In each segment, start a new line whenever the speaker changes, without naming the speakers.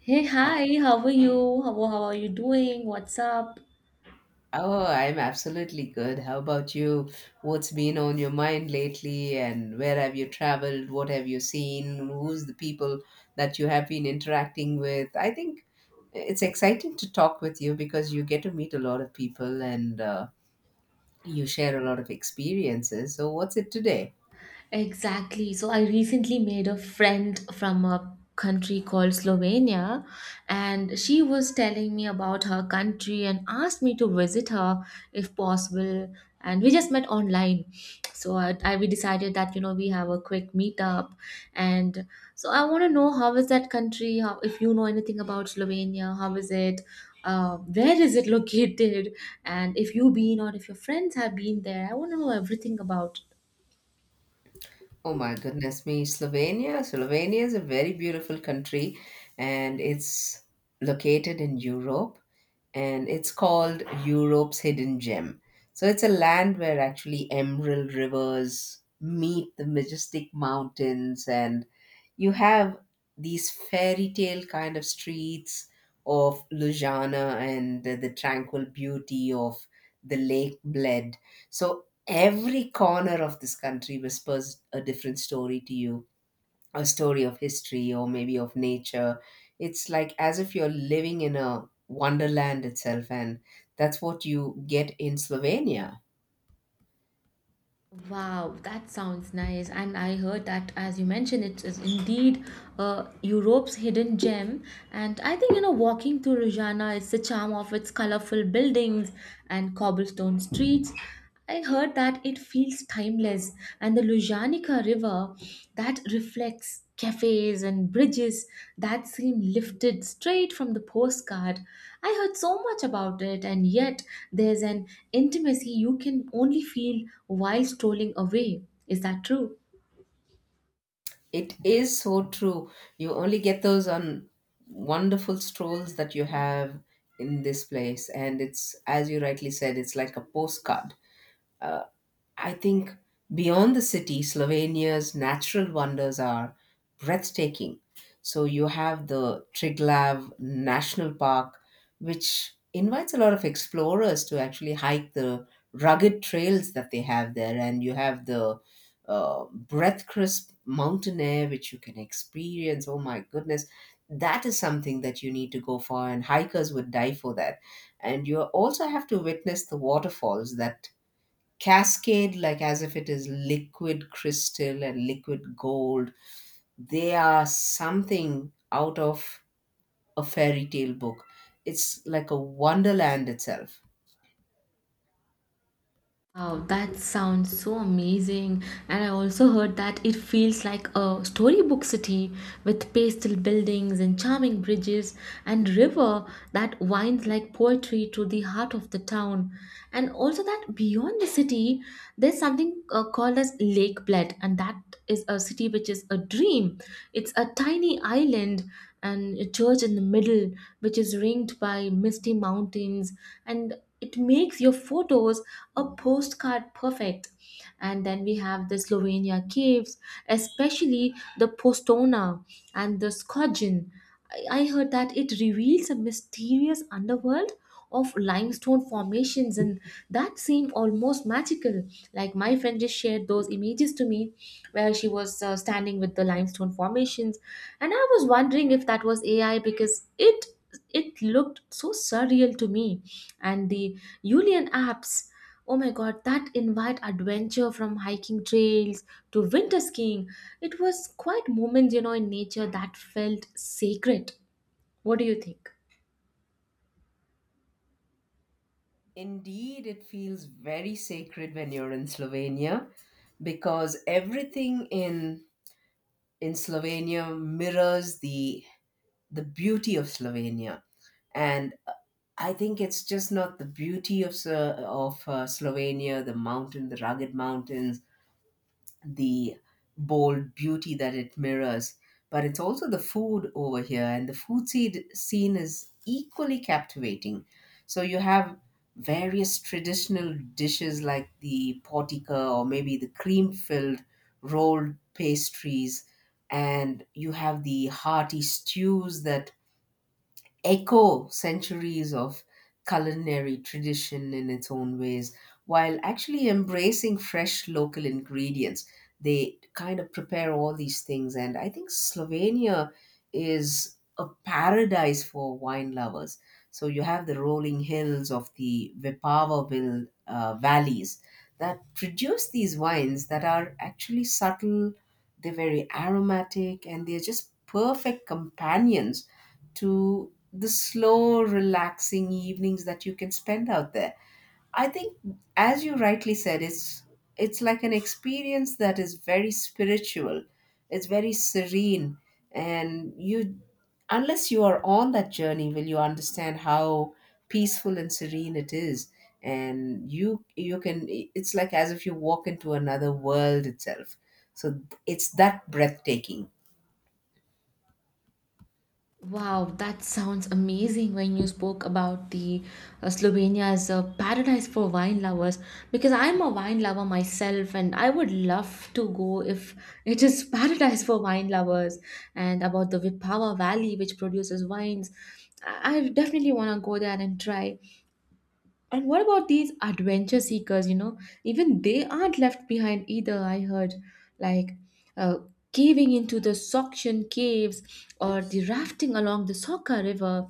Hey, hi, how are you? How are you doing? What's up?
Oh, I'm absolutely good. How about you? What's been on your mind lately, and where have you traveled? What have you seen? Who's the people that you have been interacting with? I think it's exciting to talk with you because you get to meet a lot of people and you share a lot of experiences. So, what's it today?
Exactly. So I recently made a friend from a country called Slovenia, and she was telling me about her country and asked me to visit her if possible. And we just met online. So I we decided that you know we have a quick meetup, and so I want to know how is that country? How, if you know anything about Slovenia, how is it? Where is it located? And if you been or if your friends have been there, I want to know everything about.
Oh my goodness me, Slovenia. Slovenia is a very beautiful country and it's located in Europe and it's called Europe's hidden gem. So it's a land where actually emerald rivers meet the majestic mountains and you have these fairy tale kind of streets of Ljubljana and the tranquil beauty of the Lake Bled. So every corner of this country whispers a different story to you, a story of history or maybe of nature. It's like as if you're living in a wonderland itself, and that's what you get in Slovenia.
Wow, that sounds nice. And I heard that, as you mentioned, it is indeed Europe's hidden gem. And I think, you know, walking through Rojana is the charm of its colorful buildings and cobblestone streets. I heard that it feels timeless and the Lujanica River that reflects cafes and bridges that seem lifted straight from the postcard. I heard so much about it, and yet there's an intimacy you can only feel while strolling away. Is that true?
It is so true. You only get those on wonderful strolls that you have in this place, and it's, as you rightly said, it's like a postcard. uh, I think beyond the city, Slovenia's natural wonders are breathtaking. So you have the Triglav National Park, which invites a lot of explorers to actually hike the rugged trails that they have there, and you have the breath crisp mountain air which you can experience. Oh my goodness, that is something that you need to go for, and hikers would die for that. And you also have to witness the waterfalls that cascade like as if it is liquid crystal and liquid gold. They are something out of a fairy tale book. It's like a wonderland itself.
Wow, that sounds so amazing. And I also heard that it feels like a storybook city with pastel buildings and charming bridges and river that winds like poetry through the heart of the town. And also that beyond the city, there's something called as Lake Bled, and that is a city which is a dream. It's a tiny island and a church in the middle, which is ringed by misty mountains and it makes your photos a postcard perfect. And then we have the Slovenia caves, especially the Postona and the Skogin. I heard that it reveals a mysterious underworld of limestone formations and that seemed almost magical, like my friend just shared those images to me where she was standing with the limestone formations, and I was wondering if that was AI because it looked so surreal to me. And the Julian apps, oh my god, that invite adventure from hiking trails to winter skiing. It was quite moments, you know, in nature that felt sacred. What do you think?
Indeed, it feels very sacred when you're in Slovenia because everything in Slovenia mirrors the beauty of Slovenia. And I think it's just not the beauty of Slovenia, the mountain, the rugged mountains, the bold beauty that it mirrors, but it's also the food over here, and the food seed scene is equally captivating. So you have various traditional dishes like the portica or maybe the cream filled rolled pastries, and you have the hearty stews that echo centuries of culinary tradition in its own ways while actually embracing fresh local ingredients. They kind of prepare all these things, and I think Slovenia is a paradise for wine lovers. So you have the rolling hills of the Vipavaville valleys that produce these wines that are actually subtle, they're very aromatic, and they're just perfect companions to the slow, relaxing evenings that you can spend out there. I think, as you rightly said, it's like an experience that is very spiritual. It's very serene, and you, unless you are on that journey, will you understand how peaceful and serene it is. And you can. It's like as if you walk into another world itself. So it's that breathtaking.
Wow, that sounds amazing when you spoke about the Slovenia as a paradise for wine lovers, because I'm a wine lover myself and I would love to go if it is paradise for wine lovers, and about the Vipava Valley which produces wines. I definitely want to go there and try. And what about these adventure seekers? You know, even they aren't left behind either. I heard like uh, caving into the Soxian caves or the rafting along the Soka River.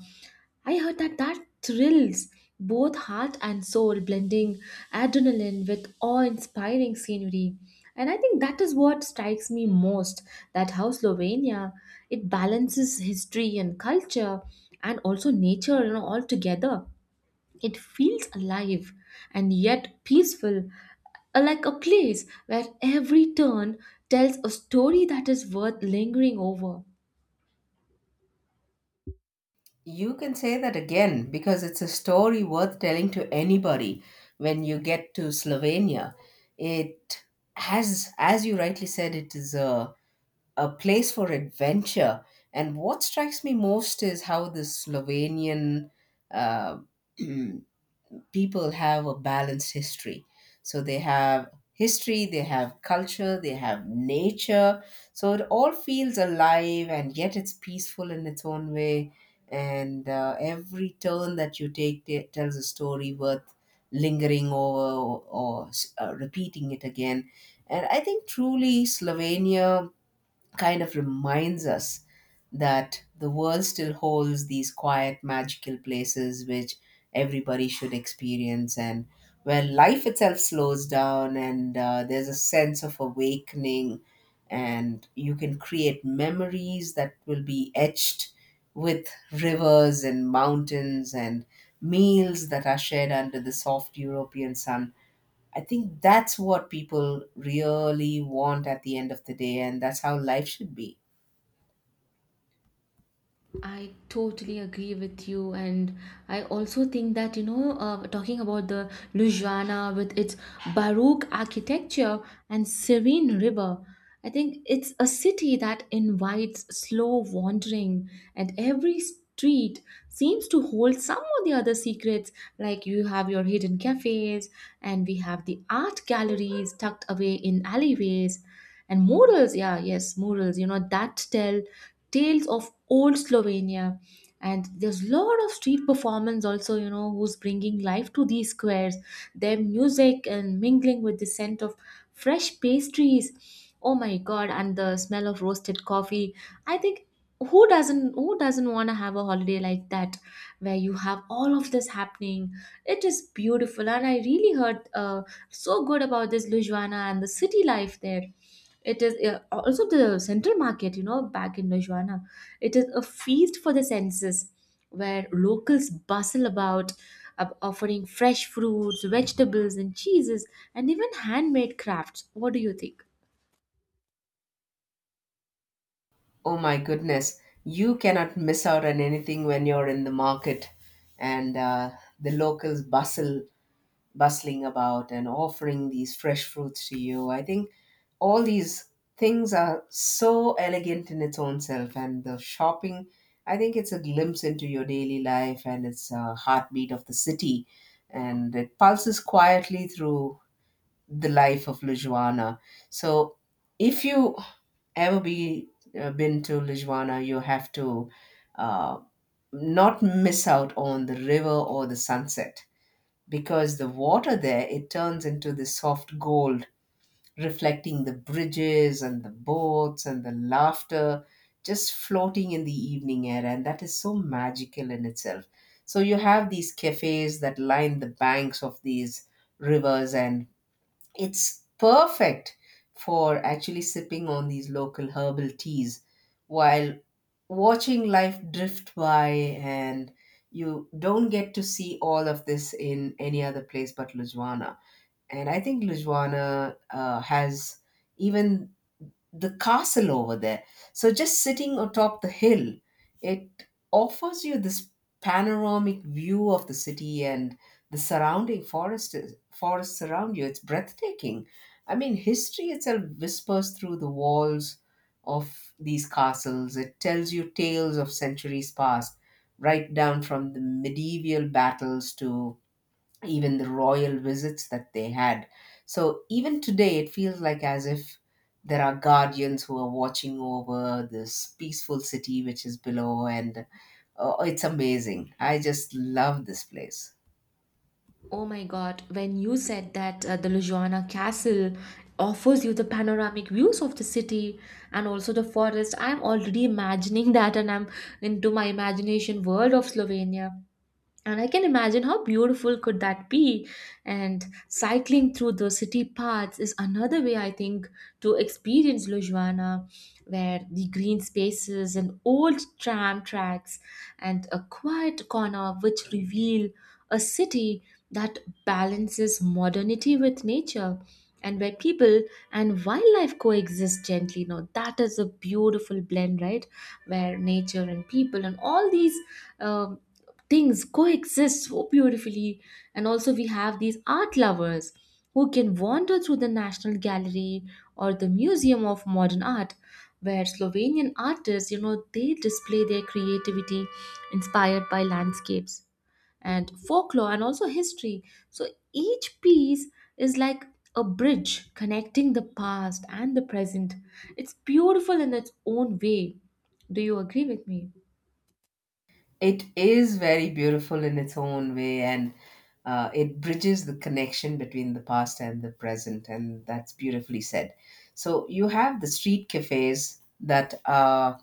I heard that that thrills both heart and soul, blending adrenaline with awe-inspiring scenery. And I think that is what strikes me most, that how Slovenia, it balances history and culture and also nature, you know, all together. It feels alive and yet peaceful, like a place where every turn tells a story that is worth lingering over.
You can say that again because it's a story worth telling to anybody when you get to Slovenia. It has, as you rightly said, it is a place for adventure. And what strikes me most is how the Slovenian uh, people have a balanced history. So they have history, they have culture, they have nature. So it all feels alive and yet it's peaceful in its own way. And every turn that you take tells a story worth lingering over or repeating it again. And I think truly Slovenia kind of reminds us that the world still holds these quiet, magical places which everybody should experience and where life itself slows down, and there's a sense of awakening, and you can create memories that will be etched with rivers and mountains and meals that are shared under the soft European sun. I think that's what people really want at the end of the day, and that's how life should be.
I totally agree with you, and I also think that, you know, talking about the Ljubljana with its Baroque architecture and serene river, I think it's a city that invites slow wandering, and every street seems to hold some or the other secrets. Like you have your hidden cafes, and we have the art galleries tucked away in alleyways, and murals, yeah, yes, murals, you know, that tell tales of old Slovenia. And there's a lot of street performance also, you know, who's bringing life to these squares, their music and mingling with the scent of fresh pastries. Oh my God, and the smell of roasted coffee. I think who doesn't want to have a holiday like that where you have all of this happening. It is beautiful and I really heard so good about this Ljubljana and the city life there. It is, also the central market, you know, back in Najwana. It is a feast for the senses where locals bustle about, offering fresh fruits, vegetables, and cheeses, and even handmade crafts. What do you think?
Oh my goodness, you cannot miss out on anything when you're in the market, and the locals bustle, bustling about and offering these fresh fruits to you. I think all these things are so elegant in its own self, and the shopping, I think it's a glimpse into your daily life and it's a heartbeat of the city, and it pulses quietly through the life of Lujuana. So if you ever be been to Lujuana, you have to uh, not miss out on the river or the sunset because the water there, it turns into this soft gold, reflecting the bridges and the boats and the laughter just floating in the evening air, and that is so magical in itself. So you have these cafes that line the banks of these rivers, and it's perfect for actually sipping on these local herbal teas while watching life drift by, and you don't get to see all of this in any other place but Lujwana. And I think Lujwana has even the castle over there. So just sitting atop the hill, it offers you this panoramic view of the city and the surrounding forest forests around you. It's breathtaking. I mean, history itself whispers through the walls of these castles. It tells you tales of centuries past, right down from the medieval battles to even the royal visits that they had. So even today, it feels like as if there are guardians who are watching over this peaceful city which is below, and it's amazing. I just love this place.
Oh my God, when you said that the Lujuana Castle offers you the panoramic views of the city and also the forest, I'm already imagining that and I'm into my imagination world of Slovenia. And I can imagine how beautiful could that be. And cycling through the city paths is another way, I think, to experience Lujwana, where the green spaces and old tram tracks and a quiet corner which reveal a city that balances modernity with nature, and where people and wildlife coexist gently. Now that is a beautiful blend, right, where nature and people and all these um, things coexist so beautifully. And also we have these art lovers who can wander through the national gallery or the museum of modern art, where Slovenian artists, you know, they display their creativity inspired by landscapes and folklore and also history. So each piece is like a bridge connecting the past and the present. It's beautiful in its own way. Do you agree with me?
It is very beautiful in its own way, and it bridges the connection between the past and the present, and that's beautifully said. So you have the street cafes that are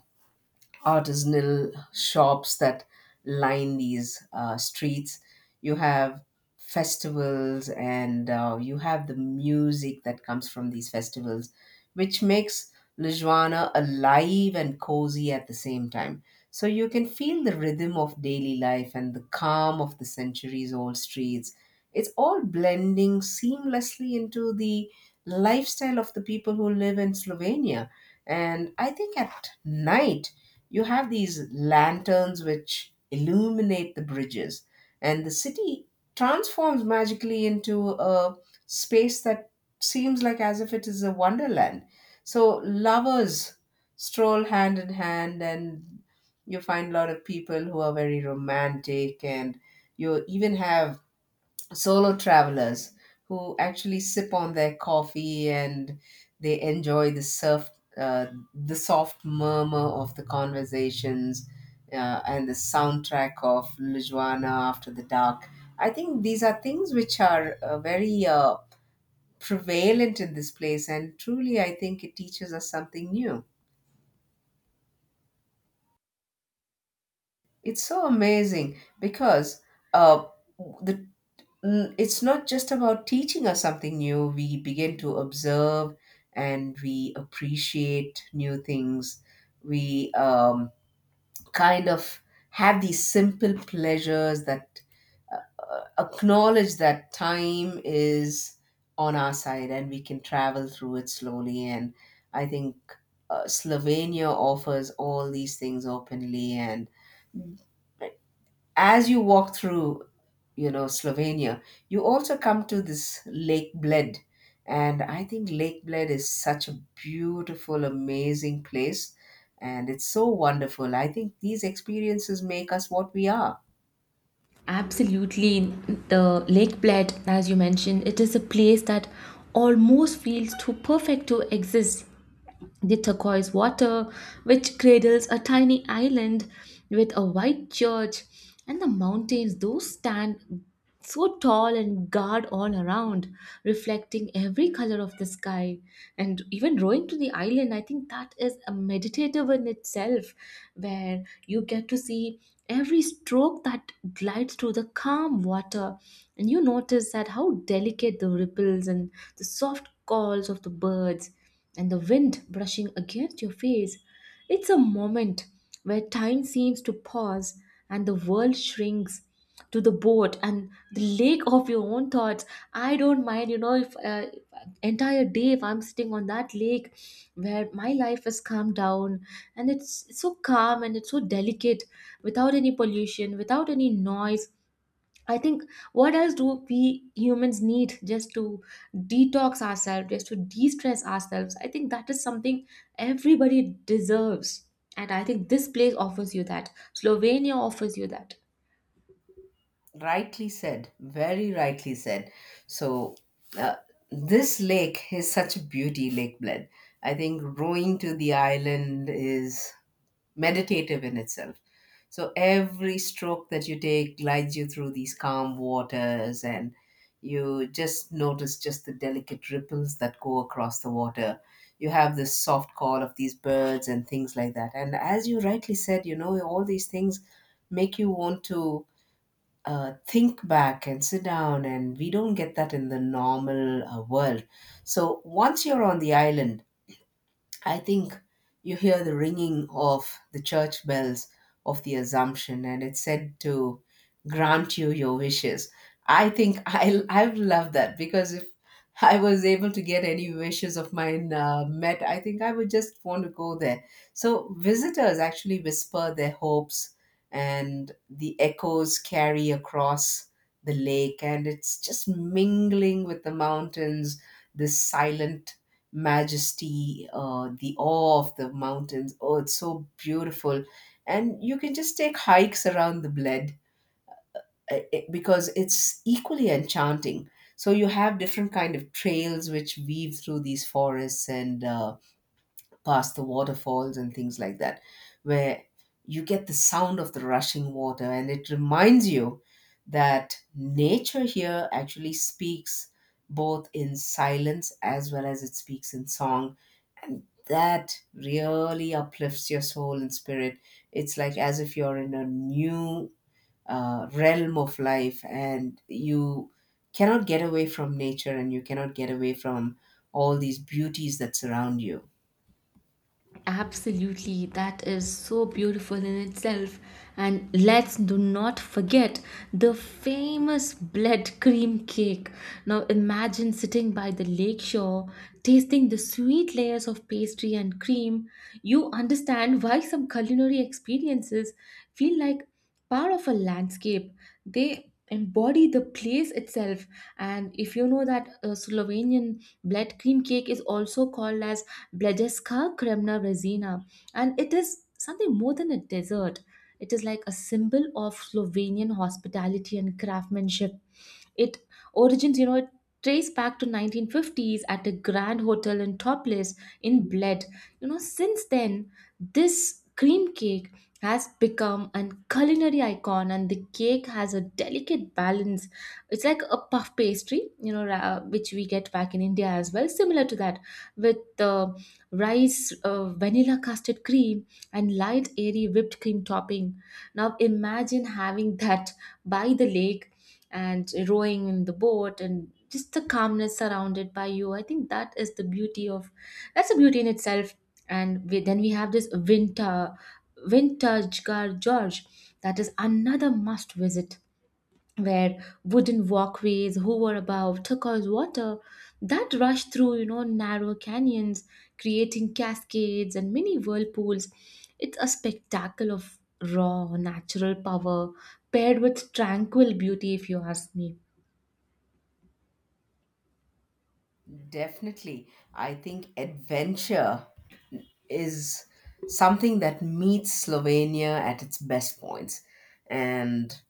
artisanal shops that line these streets. You have festivals, and you have the music that comes from these festivals, which makes Lijuana alive and cozy at the same time. So you can feel the rhythm of daily life and the calm of the centuries old streets. It's all blending seamlessly into the lifestyle of the people who live in Slovenia. And I think at night, you have these lanterns which illuminate the bridges, and the city transforms magically into a space that seems like as if it is a wonderland. So lovers stroll hand in hand, and you find a lot of people who are very romantic, and you even have solo travelers who actually sip on their coffee and they enjoy the surf, uh, the soft murmur of the conversations, and the soundtrack of Lujuana after the dark. I think these are things which are very prevalent in this place, and truly, I think it teaches us something new. It's so amazing because uh, the it's not just about teaching us something new. We begin to observe and we appreciate new things. We kind of have these simple pleasures that acknowledge that time is on our side and we can travel through it slowly. And I think Slovenia offers all these things openly, and as you walk through, you know, Slovenia, you also come to this Lake Bled. And I think Lake Bled is such a beautiful, amazing place. And it's so wonderful. I think these experiences make us what we are.
Absolutely. The Lake Bled, as you mentioned, it is a place that almost feels too perfect to exist. The turquoise water, which cradles a tiny island with a white church, and the mountains, those stand so tall and guard all around, reflecting every color of the sky. And even rowing to the island, I think that is a meditative in itself, where you get to see every stroke that glides through the calm water, and you notice that how delicate the ripples and the soft calls of the birds and the wind brushing against your face. It's a moment where time seems to pause and the world shrinks to the boat and the lake of your own thoughts. I don't mind, you know, if entire day if I'm sitting on that lake where my life has calmed down and it's so calm and it's so delicate, without any pollution, without any noise. I think what else do we humans need just to detox ourselves, just to de stress ourselves? I think that is something everybody deserves. And I think this place offers you that. Slovenia offers you that.
Rightly said, very rightly said. So, uh, this lake is such a beauty, Lake Bled. I think rowing to the island is meditative in itself. So every stroke that you take glides you through these calm waters, and you just notice just the delicate ripples that go across the water. You have this soft call of these birds and things like that. And as you rightly said, you know, all these things make you want to think back and sit down, and we don't get that in the normal world. So once you're on the island, I think you hear the ringing of the church bells of the Assumption, and it's said to grant you your wishes. I think I love that because if I was able to get any wishes of mine met, I think I would just want to go there. So visitors actually whisper their hopes, and the echoes carry across the lake, and it's just mingling with the mountains, this silent majesty, the awe of the mountains. Oh, it's so beautiful. And you can just take hikes around the Bled because it's equally enchanting. So you have different kind of trails which weave through these forests and past the waterfalls and things like that, where you get the sound of the rushing water, and it reminds you that nature here actually speaks both in silence as well as it speaks in song, and that really uplifts your soul and spirit. It's like as if you're in a new realm of life, and you cannot get away from nature, and you cannot get away from all these beauties that surround you.
Absolutely, that is so beautiful in itself. And let's do not forget the famous blood cream cake. Now imagine sitting by the lake shore, tasting the sweet layers of pastry and cream. You understand why some culinary experiences feel like part of a landscape, they embody the place itself. And if you know that Slovenian blood cream cake is also called as blajeska kremna rezina, and it is something more than a dessert, it is like a symbol of Slovenian hospitality and craftsmanship. It origins, you know, it traced back to 1950s at a grand hotel in Toplice in Bled. You know, since then, this cream cake has become a culinary icon, and the cake has a delicate balance. It's like a puff pastry, you know, which we get back in India as well, similar to that, with rice, vanilla custard cream and light airy whipped cream topping. Now imagine having that by the lake and rowing in the boat and just the calmness surrounded by you. I think that is the beauty of, that's a beauty in itself. And then we have this winter Vintage Car George, that is another must visit, where wooden walkways hover above turquoise water that rush through, you know, narrow canyons, creating cascades and mini whirlpools. It's a spectacle of raw natural power paired with tranquil beauty, if you ask me.
Definitely, I think adventure is something that meets Slovenia at its best points, and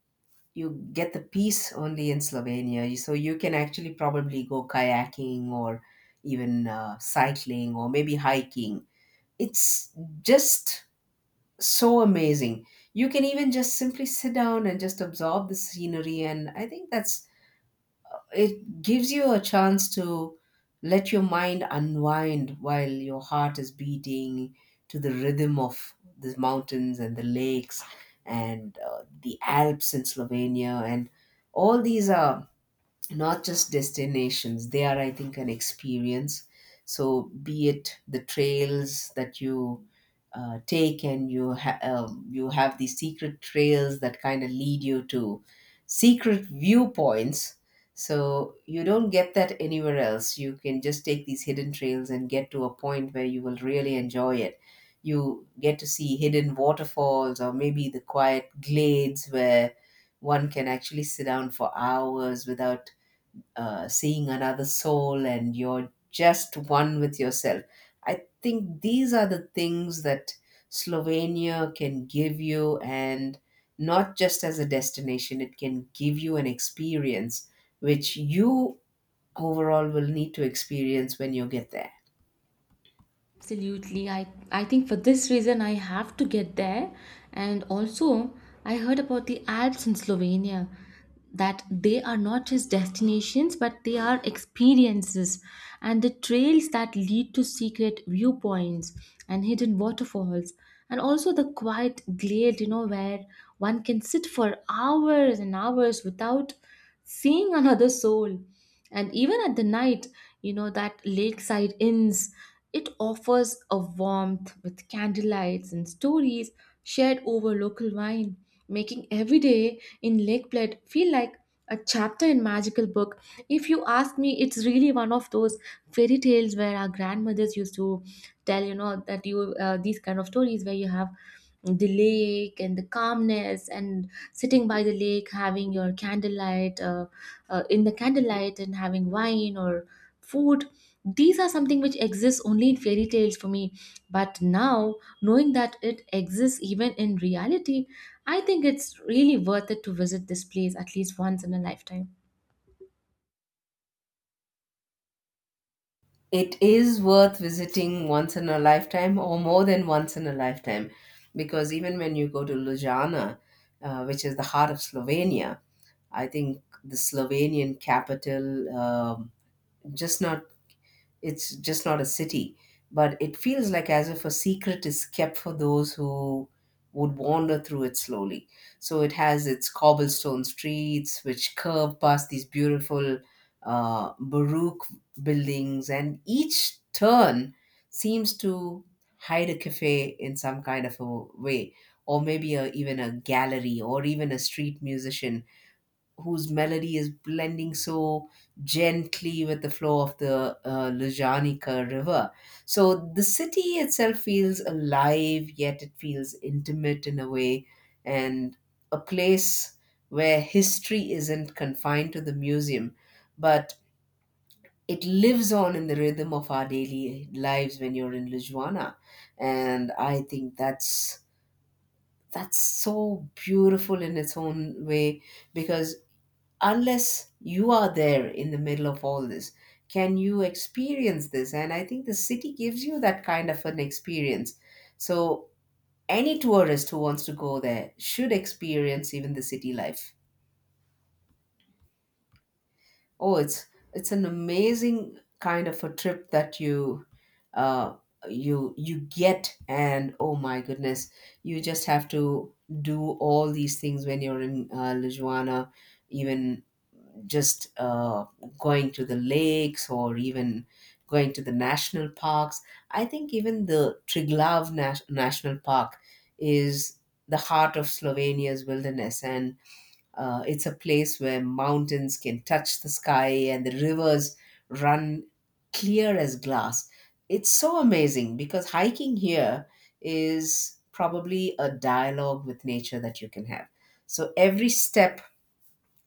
you get the peace only in Slovenia. So you can actually probably go kayaking or even cycling or maybe hiking. It's just so amazing. You can even just simply sit down and just absorb the scenery. And I think that's it gives you a chance to let your mind unwind while your heart is beating to the rhythm of the mountains and the lakes and the Alps in Slovenia, and all these are not just destinations, they are, I think, an experience. So be it the trails that you take, and you you have these secret trails that kind of lead you to secret viewpoints. So you don't get that anywhere else. You can just take these hidden trails and get to a point where you will really enjoy it. You get to see hidden waterfalls or maybe the quiet glades where one can actually sit down for hours without seeing another soul, and you're just one with yourself. I think these are the things that Slovenia can give you, and not just as a destination, it can give you an experience which you overall will need to experience when you get there.
Absolutely. I think for this reason, I have to get there. And also, I heard about the Alps in Slovenia that they are not just destinations, but they are experiences. And the trails that lead to secret viewpoints and hidden waterfalls. And also the quiet glade, you know, where one can sit for hours and hours without seeing another soul. And even at the night, you know, that lakeside inns, it offers a warmth with candlelights and stories shared over local wine, making every day in Lake Bled feel like a chapter in magical book. If you ask me, it's really one of those fairy tales where our grandmothers used to tell, you know, that you these kind of stories where you have the lake and the calmness and sitting by the lake, having your candlelight in the candlelight and having wine or food. These are something which exists only in fairy tales for me. But now, knowing that it exists even in reality, I think it's really worth it to visit this place at least once in a lifetime.
It is worth visiting once in a lifetime or more than once in a lifetime, because even when you go to Ljubljana, which is the heart of Slovenia, I think the Slovenian capital, just not it's just not a city, but it feels like as if a secret is kept for those who would wander through it slowly. So it has its cobblestone streets which curve past these beautiful baroque buildings, and each turn seems to hide a cafe in some kind of a way, or maybe a, even a gallery, or even a street musician whose melody is blending so gently with the flow of the Lujanica River. So the city itself feels alive, yet it feels intimate in a way, and a place where history isn't confined to the museum, but it lives on in the rhythm of our daily lives when you're in Lujwana. And I think that's so beautiful in its own way, because unless you are there in the middle of all this, can you experience this? And I think the city gives you that kind of an experience. So any tourist who wants to go there should experience even the city life. Oh, it's an amazing kind of a trip that you uh you get, and oh my goodness, you just have to do all these things when you're in Lijuana. Even just going to the lakes or even going to the national parks. I think even the National Park is the heart of Slovenia's wilderness, and it's a place where mountains can touch the sky and the rivers run clear as glass. It's so amazing because hiking here is probably a dialogue with nature that you can have. So every step,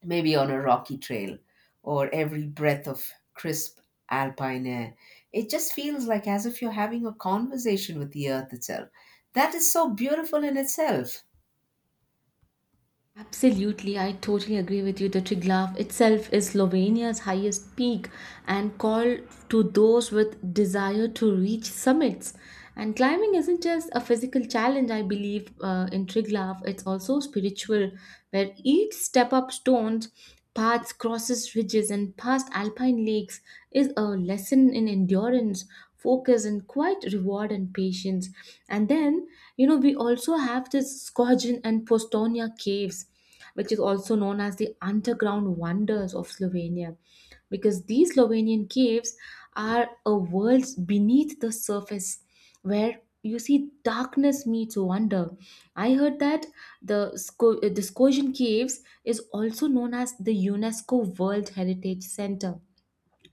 maybe on a rocky trail, or every breath of crisp alpine air, it just feels like as if you're having a conversation with the earth itself. That is so beautiful in itself.
Absolutely, I totally agree with you. The Triglav itself is Slovenia's highest peak and called to those with desire to reach summits. And climbing isn't just a physical challenge, I believe, in Triglav, it's also spiritual, where each step up stones, paths, crosses ridges, and past alpine lakes is a lesson in endurance, focus and quiet reward and patience. And then, you know, we also have this Skogin and Postonia caves, which is also known as the underground wonders of Slovenia, because these Slovenian caves are a world beneath the surface where you see darkness meets wonder. I heard that the the Skogin Caves is also known as the UNESCO World Heritage Center,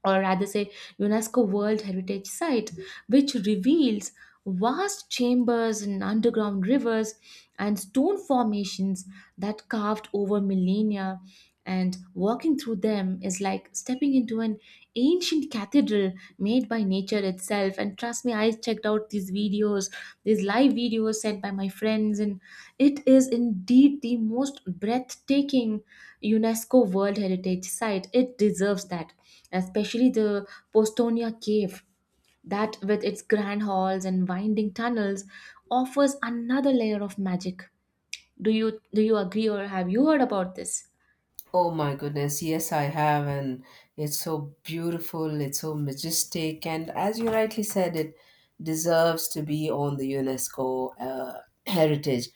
or rather say UNESCO World Heritage Site, which reveals vast chambers and underground rivers and stone formations that carved over millennia, and walking through them is like stepping into an ancient cathedral made by nature itself. And trust me, I checked out these videos, these live videos sent by my friends, and it is indeed the most breathtaking UNESCO world heritage site. It deserves that, especially the Postonia cave, that with its grand halls and winding tunnels offers another layer of magic. Do you agree or have you heard about this?
Oh my goodness, yes, I have, and it's so beautiful, it's so majestic, and as you rightly said, it deserves to be on the UNESCO heritage.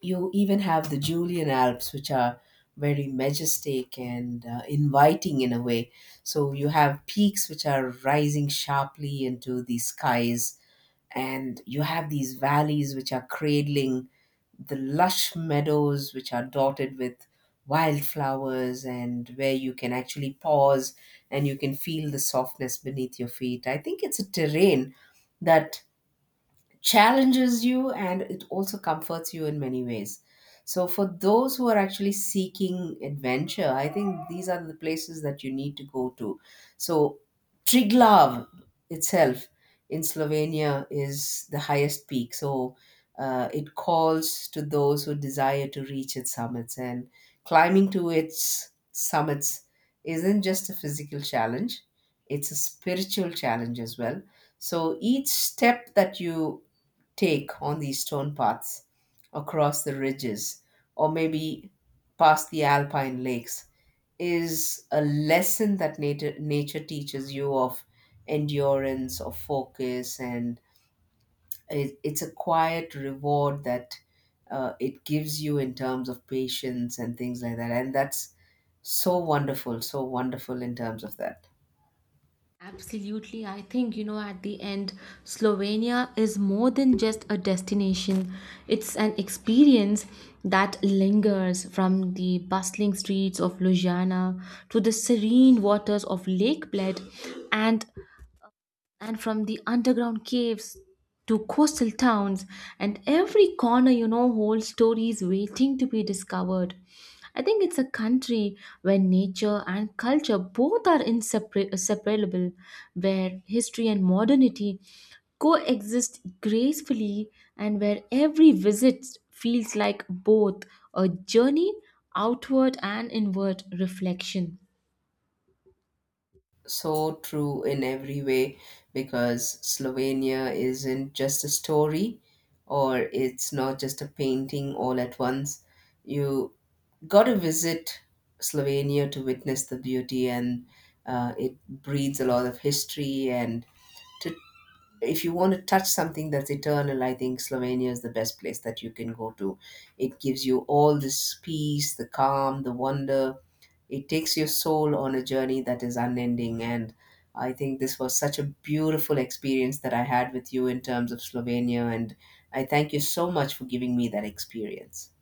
You even have the Julian Alps, which are very majestic and inviting in a way. So you have peaks which are rising sharply into the skies, and you have these valleys which are cradling the lush meadows which are dotted with wildflowers, and where you can actually pause and you can feel the softness beneath your feet. I think it's a terrain that challenges you, and it also comforts you in many ways. So, for those who are actually seeking adventure, I think these are the places that you need to go to. So, Triglav itself in Slovenia is the highest peak. So, it calls to those who desire to reach its summits, and climbing to its summits isn't just a physical challenge, it's a spiritual challenge as well. So, each step that you take on these stone paths across the ridges, or maybe past the alpine lakes, is a lesson that nature teaches you of endurance, of focus, and it's a quiet reward that it gives you in terms of patience and things like that. And that's so wonderful in terms of that.
Absolutely. I think, you know, at the end, Slovenia is more than just a destination. It's an experience that lingers, from the bustling streets of Ljubljana to the serene waters of Lake Bled, and from the underground caves to coastal towns, and every corner, you know, holds stories waiting to be discovered. I think it's a country where nature and culture both are inseparable, where history and modernity coexist gracefully, and where every visit feels like both a journey outward and inward reflection.
So true in every way, because Slovenia isn't just a story, or it's not just a painting all at once. You got to visit Slovenia to witness the beauty, and it breeds a lot of history, and to if you want to touch something that's eternal, I think Slovenia is the best place that you can go to. It gives you all this peace, the calm, the wonder. It takes your soul on a journey that is unending. And I think this was such a beautiful experience that I had with you in terms of Slovenia. And I thank you so much for giving me that experience.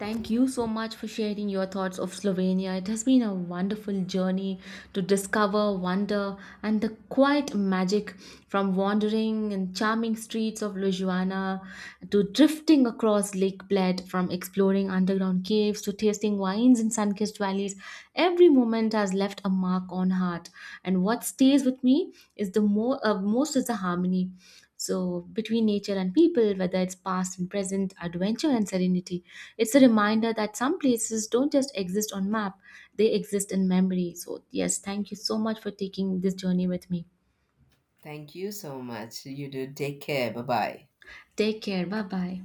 Thank you so much for sharing your thoughts of Slovenia. It has been a wonderful journey to discover wonder and the quiet magic, from wandering in charming streets of Ljubljana to drifting across Lake Bled, from exploring underground caves to tasting wines in sun-kissed valleys. Every moment has left a mark on heart, and what stays with me is the more most is the harmony, so, between nature and people, whether it's past and present, adventure and serenity, it's a reminder that some places don't just exist on map, they exist in memory. So, yes, thank you so much for taking this journey with me.
Thank you so much. You do. Take care. Bye bye.
Take care. Bye bye.